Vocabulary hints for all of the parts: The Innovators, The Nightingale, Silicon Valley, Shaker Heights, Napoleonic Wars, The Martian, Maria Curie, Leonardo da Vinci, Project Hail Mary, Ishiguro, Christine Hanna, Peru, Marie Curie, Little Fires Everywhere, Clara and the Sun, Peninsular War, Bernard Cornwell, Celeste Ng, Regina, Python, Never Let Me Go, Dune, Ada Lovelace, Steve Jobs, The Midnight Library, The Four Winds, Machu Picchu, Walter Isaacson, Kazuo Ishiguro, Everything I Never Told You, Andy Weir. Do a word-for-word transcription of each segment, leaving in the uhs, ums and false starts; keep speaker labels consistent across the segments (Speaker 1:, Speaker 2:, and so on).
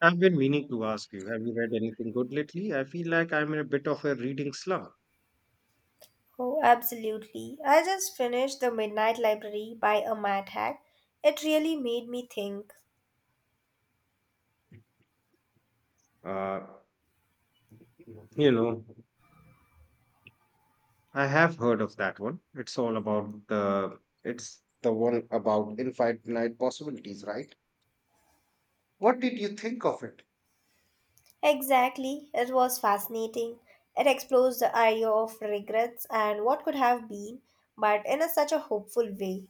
Speaker 1: I've been meaning to ask you, have you read anything good lately? I feel like I'm in a bit of a reading slump.
Speaker 2: Oh, absolutely. I just finished The Midnight Library by a mad hack. It really made me think.
Speaker 1: Uh, you know, I have heard of that one. It's all about the It's the one about infinite possibilities, right? What did you think of it?
Speaker 2: Exactly. It was fascinating. It explores the idea of regrets and what could have been, but in a, such a hopeful way.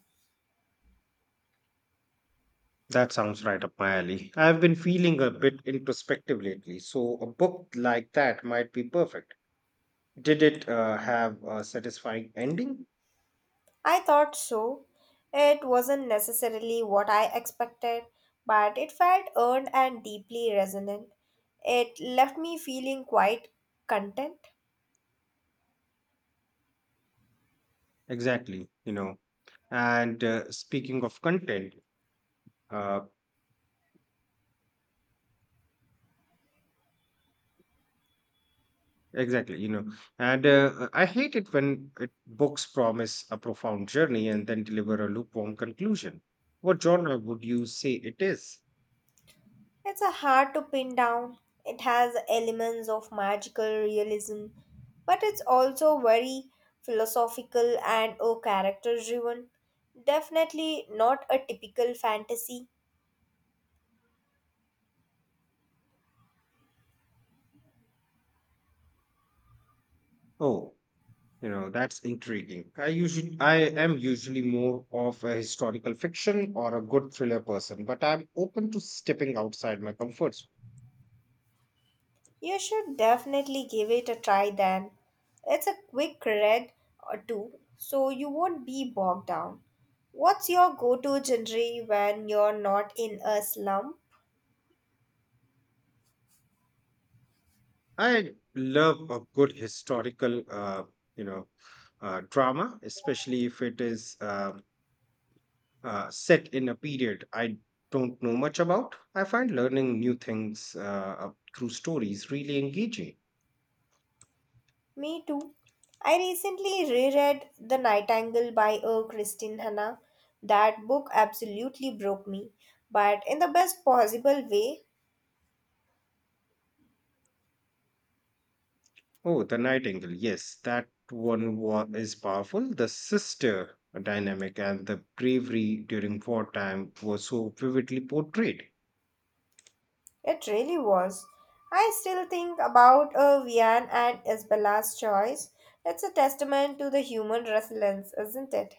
Speaker 1: That sounds right up my alley. I've been feeling a bit introspective lately, so a book like that might be perfect. Did it uh, have a satisfying ending?
Speaker 2: I thought so. It wasn't necessarily what I expected, but it felt earned and deeply resonant. It left me feeling quite content.
Speaker 1: Exactly, you know. And uh, Speaking of content, uh, exactly, you know, and uh, I hate it when it, books promise a profound journey and then deliver a lukewarm conclusion. What genre would you say it is?
Speaker 2: It's a hard to pin down. It has elements of magical realism, but it's also very philosophical and a character driven. Definitely not a typical fantasy.
Speaker 1: Oh, you know, that's intriguing. I usually, I am usually more of a historical fiction or a good thriller person, but I'm open to stepping outside my comfort zone.
Speaker 2: You should definitely give it a try then. It's a quick read or two, so you won't be bogged down. What's your go to genre when you're not in a slump?
Speaker 1: I love a good historical, uh, you know, uh, drama, especially if it is uh, uh, set in a period I don't know much about. I find learning new things uh, uh, through stories really engaging.
Speaker 2: Me too. I recently reread The Nightingale by uh, Christine Hanna. That book absolutely broke me, but in the best possible way,
Speaker 1: Oh, The Nightingale, yes, that one was, is powerful. The sister dynamic and the bravery during wartime were so vividly portrayed.
Speaker 2: it really was. I still think about uh, Vian and Isabella's choice. It's a testament to the human resilience, isn't it?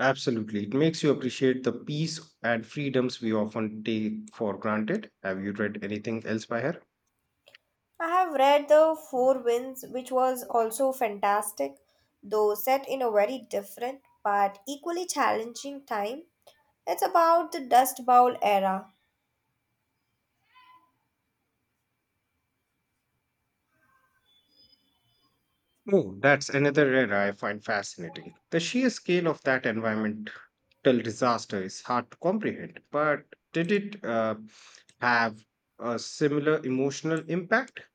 Speaker 1: Absolutely. It makes you appreciate the peace and freedoms we often take for granted. Have you read anything else by her?
Speaker 2: I have read The Four Winds, which was also fantastic, though set in a very different but equally challenging time. It's about the Dust Bowl era.
Speaker 1: Oh, that's another era I find fascinating. The sheer scale of that environmental disaster is hard to comprehend, but did it uh, have a similar emotional impact?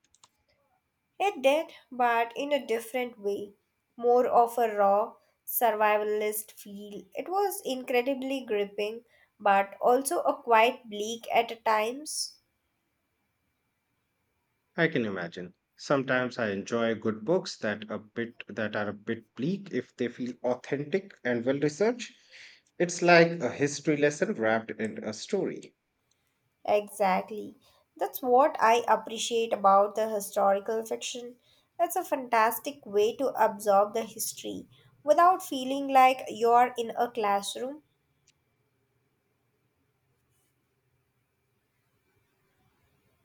Speaker 2: It did, but in a different way. More of a raw, survivalist feel. It was incredibly gripping, but also a quite bleak at times.
Speaker 1: I can imagine. Sometimes I enjoy good books that a bit that are a bit bleak if they feel authentic and well researched. It's like a history lesson wrapped in a story.
Speaker 2: Exactly. That's what I appreciate about the historical fiction. It's a fantastic way to absorb the history without feeling like you're in a classroom.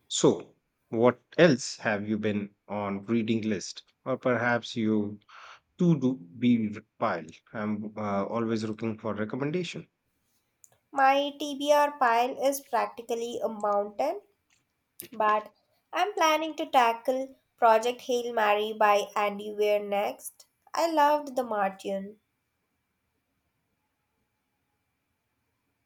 Speaker 1: So, what else have you been on reading list, or perhaps you to do be pile? I'm uh, always looking for recommendation.
Speaker 2: My T B R pile is practically a mountain. But I'm planning to tackle Project Hail Mary by Andy Weir next. I loved The Martian.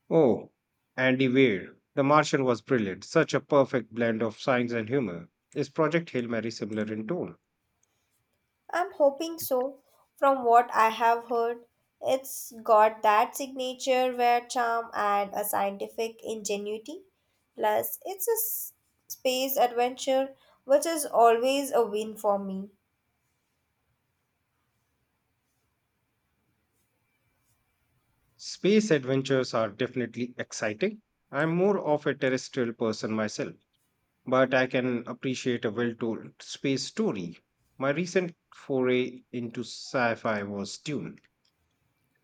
Speaker 1: Oh, Andy Weir, The Martian was brilliant. Such a perfect blend of science and humor. Is Project Hail Mary similar in tone?
Speaker 2: I'm hoping so. From what I have heard, it's got that signature wear charm and a scientific ingenuity. Plus, it's a s- space adventure, which is always a win for me.
Speaker 1: Space adventures are definitely exciting. I'm more of a terrestrial person myself, but I can appreciate a well told space story. My recent foray into sci fi was Dune.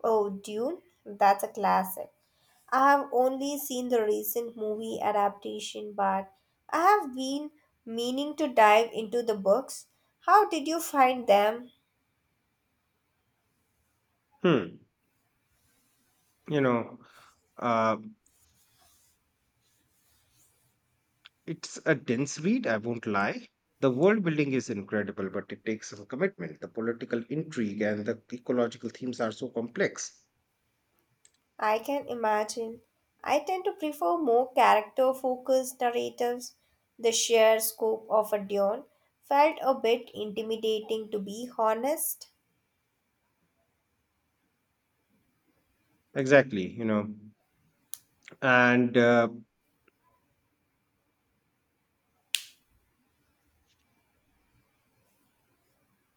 Speaker 2: Oh, Dune? That's a classic. I have only seen the recent movie adaptation, but I have been meaning to dive into the books. How did you find them?
Speaker 1: Hmm, you know, uh, It's a dense read, I won't lie. The world building is incredible, but it takes some commitment. The political intrigue and the ecological themes are so complex.
Speaker 2: I can imagine. I tend to prefer more character focused narratives. The sheer scope of a Dune felt a bit intimidating, to be honest.
Speaker 1: Exactly, you know. And uh,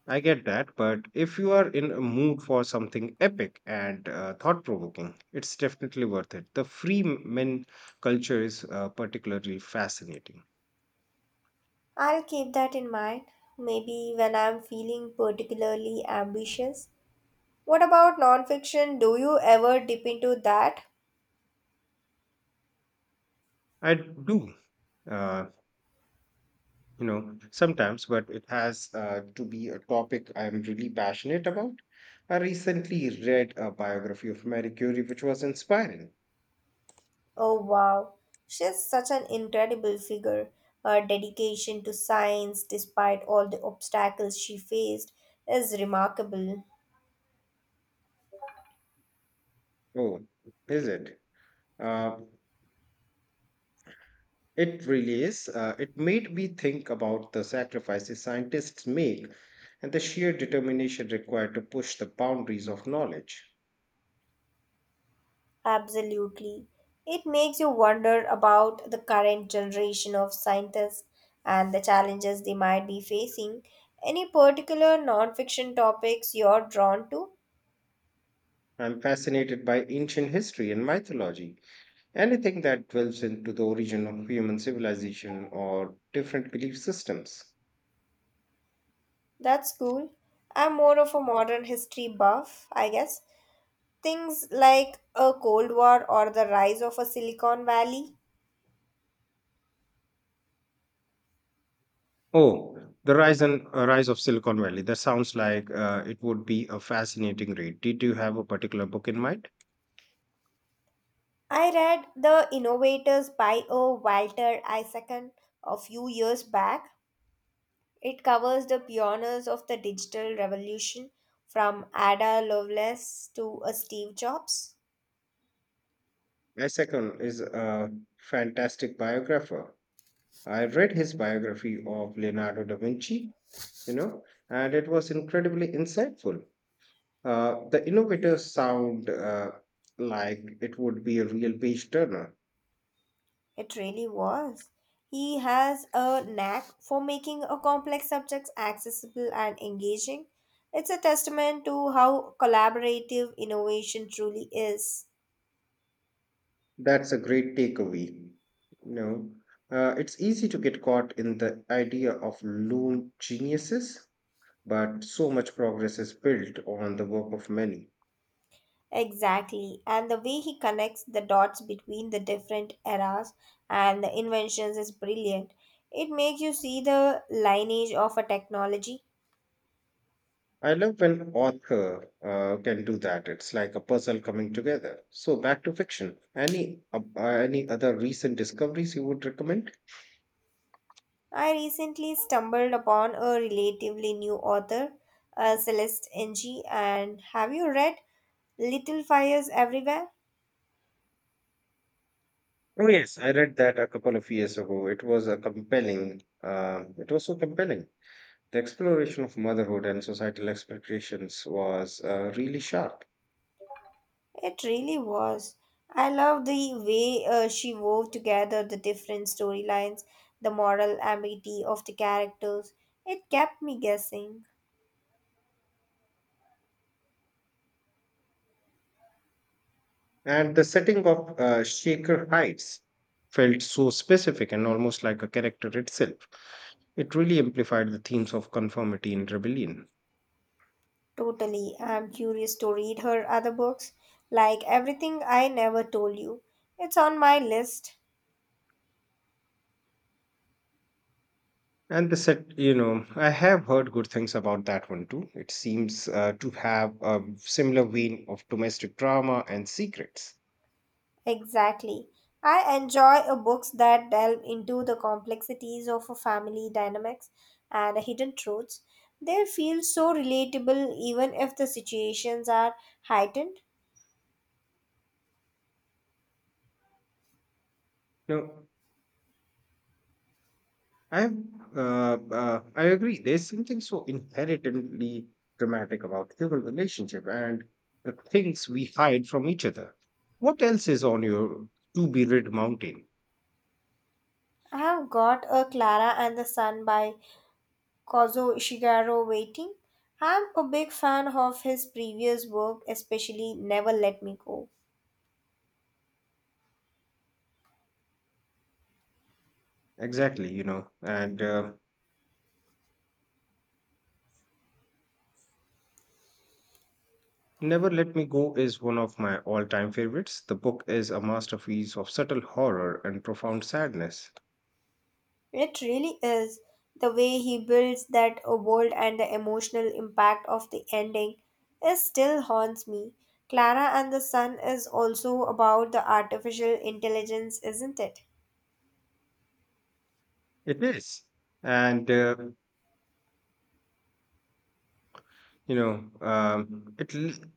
Speaker 1: I get that, but if you are in a mood for something epic and uh, thought provoking, it's definitely worth it. The free men culture is uh, particularly fascinating.
Speaker 2: I'll keep that in mind. Maybe when I'm feeling particularly ambitious, what about nonfiction? Do you ever dip into that?
Speaker 1: I do. Uh, you know, sometimes, but it has uh, to be a topic I'm really passionate about. I recently read a biography of Marie Curie, which was inspiring.
Speaker 2: Oh wow, she's such an incredible figure. Her dedication to science, despite all the obstacles she faced, is remarkable.
Speaker 1: Oh is it uh, it really is. Uh, it made me think about the sacrifices scientists make and the sheer determination required to push the boundaries of knowledge.
Speaker 2: Absolutely. It makes you wonder about the current generation of scientists and the challenges they might be facing. Any particular nonfiction topics you're drawn to?
Speaker 1: I'm fascinated by ancient history and mythology, anything that delves into the origin of human civilization or different belief systems.
Speaker 2: That's cool. I'm more of a modern history buff, I guess. Things like a Cold War or the rise of a Silicon Valley.
Speaker 1: Oh, the rise and uh, rise of Silicon Valley. That sounds like uh, it would be a fascinating read. Did you have a particular book in mind?
Speaker 2: I read The Innovators by a Walter Isaacson a few years back. It covers the pioneers of the digital revolution from Ada Lovelace to a Steve Jobs.
Speaker 1: My second is a fantastic biographer. I read his biography of Leonardo da Vinci, you know, and it was incredibly insightful. Uh, the innovators sound uh, like it would be a real page turner.
Speaker 2: It really was. He has a knack for making a complex subjects accessible and engaging. It's a testament to how collaborative innovation truly is.
Speaker 1: That's a great takeaway. You know, uh, it's easy to get caught in the idea of lone geniuses, but so much progress is built on the work of many.
Speaker 2: Exactly. And the way he connects the dots between the different eras and the inventions is brilliant. It makes you see the lineage of a technology.
Speaker 1: I love when author uh, can do that. It's like a puzzle coming together. So back to fiction. Any uh, uh, any other recent discoveries you would recommend?
Speaker 2: I recently stumbled upon a relatively new author, uh, Celeste Ng, and have you read Little Fires Everywhere?
Speaker 1: Oh yes, I read that a couple of years ago. It was a compelling. Uh, it was so compelling. The exploration of motherhood and societal expectations was uh, really sharp.
Speaker 2: It really was. I love the way uh, she wove together the different storylines, the moral ambiguity of the characters. It kept me guessing.
Speaker 1: And the setting of uh, Shaker Heights felt so specific and almost like a character itself. It really amplified the themes of conformity and rebellion.
Speaker 2: Totally. I'm curious to read her other books, like Everything I Never Told You. It's on my list.
Speaker 1: And the set, you know, I have heard good things about that one too. It seems uh, to have a similar vein of domestic drama and secrets.
Speaker 2: Exactly. I enjoy a books that delve into the complexities of a family dynamics and hidden truths. They feel so relatable even if the situations are heightened.
Speaker 1: Now, I have, uh, uh, I agree. There's something so inherently dramatic about human relationship and the things we hide from each other. What else is on your to be rid mountain?
Speaker 2: I have got a Clara and the Sun by Kazuo Ishiguro waiting. I'm a big fan of his previous work, especially Never Let Me Go.
Speaker 1: Exactly, you know. And uh, Never Let Me Go is one of my all-time favorites. The book is a masterpiece of subtle horror and profound sadness.
Speaker 2: It really is. The way he builds that world and the emotional impact of the ending is still haunts me. Clara and the Sun is also about the artificial intelligence, isn't it?
Speaker 1: It is, and uh, you know, um, it. L-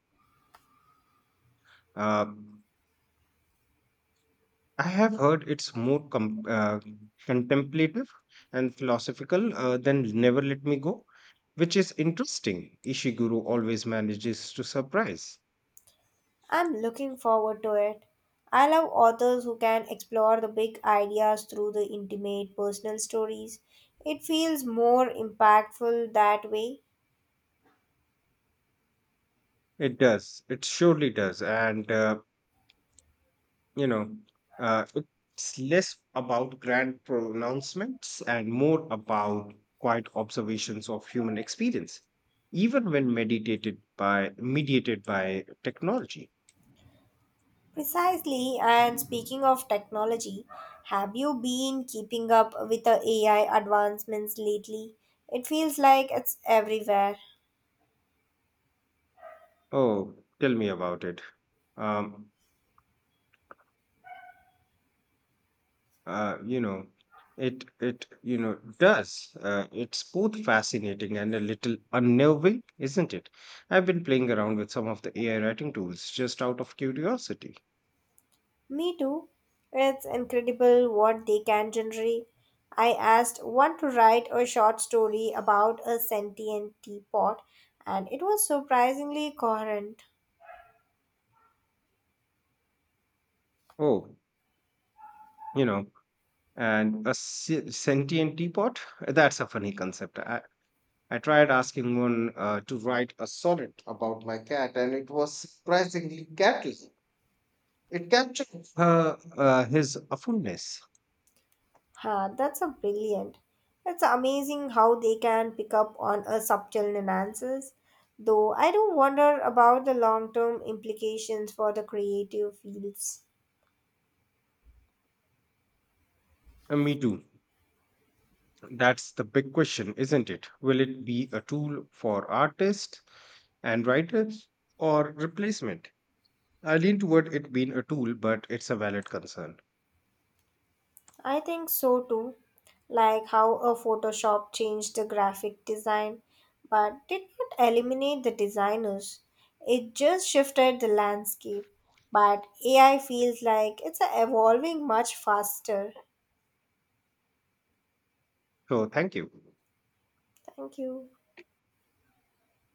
Speaker 1: Uh, I have heard it's more com- uh, contemplative and philosophical uh, than Never Let Me Go, which is interesting. Ishiguro always manages to surprise.
Speaker 2: I'm looking forward to it. I love authors who can explore the big ideas through the intimate personal stories. It feels more impactful that way.
Speaker 1: It does. It surely does. And, uh, you know, uh, it's less about grand pronouncements and more about quiet observations of human experience, even when meditated by, mediated by technology.
Speaker 2: Precisely, and speaking of technology, have you been keeping up with the A I advancements lately? It feels like it's everywhere.
Speaker 1: Oh, tell me about it. Um, uh, you know, it it you know does uh, it's both fascinating and a little unnerving, isn't it? I've been playing around with some of the AI writing tools just out of curiosity.
Speaker 2: Me too. It's incredible what they can generate. I asked one to write a short story about a sentient teapot, and it was surprisingly coherent.
Speaker 1: Oh, you know, and a se- sentient teapot, that's a funny concept. I i tried asking one uh, to write a sonnet about my cat and it was surprisingly catchy. It captured her uh, his awfulness.
Speaker 2: Huh, that's a brilliant. It's amazing how they can pick up on a subtle nuances. Though I do wonder about the long-term implications for the creative fields.
Speaker 1: Uh, me too. That's the big question, isn't it? Will it be a tool for artists and writers, or replacement? I lean toward it being a tool, but it's a valid concern.
Speaker 2: I think so too, like how a Photoshop changed the graphic design, but did not eliminate the designers. It just shifted the landscape. But A I feels like it's evolving much faster.
Speaker 1: So, thank you.
Speaker 2: Thank you.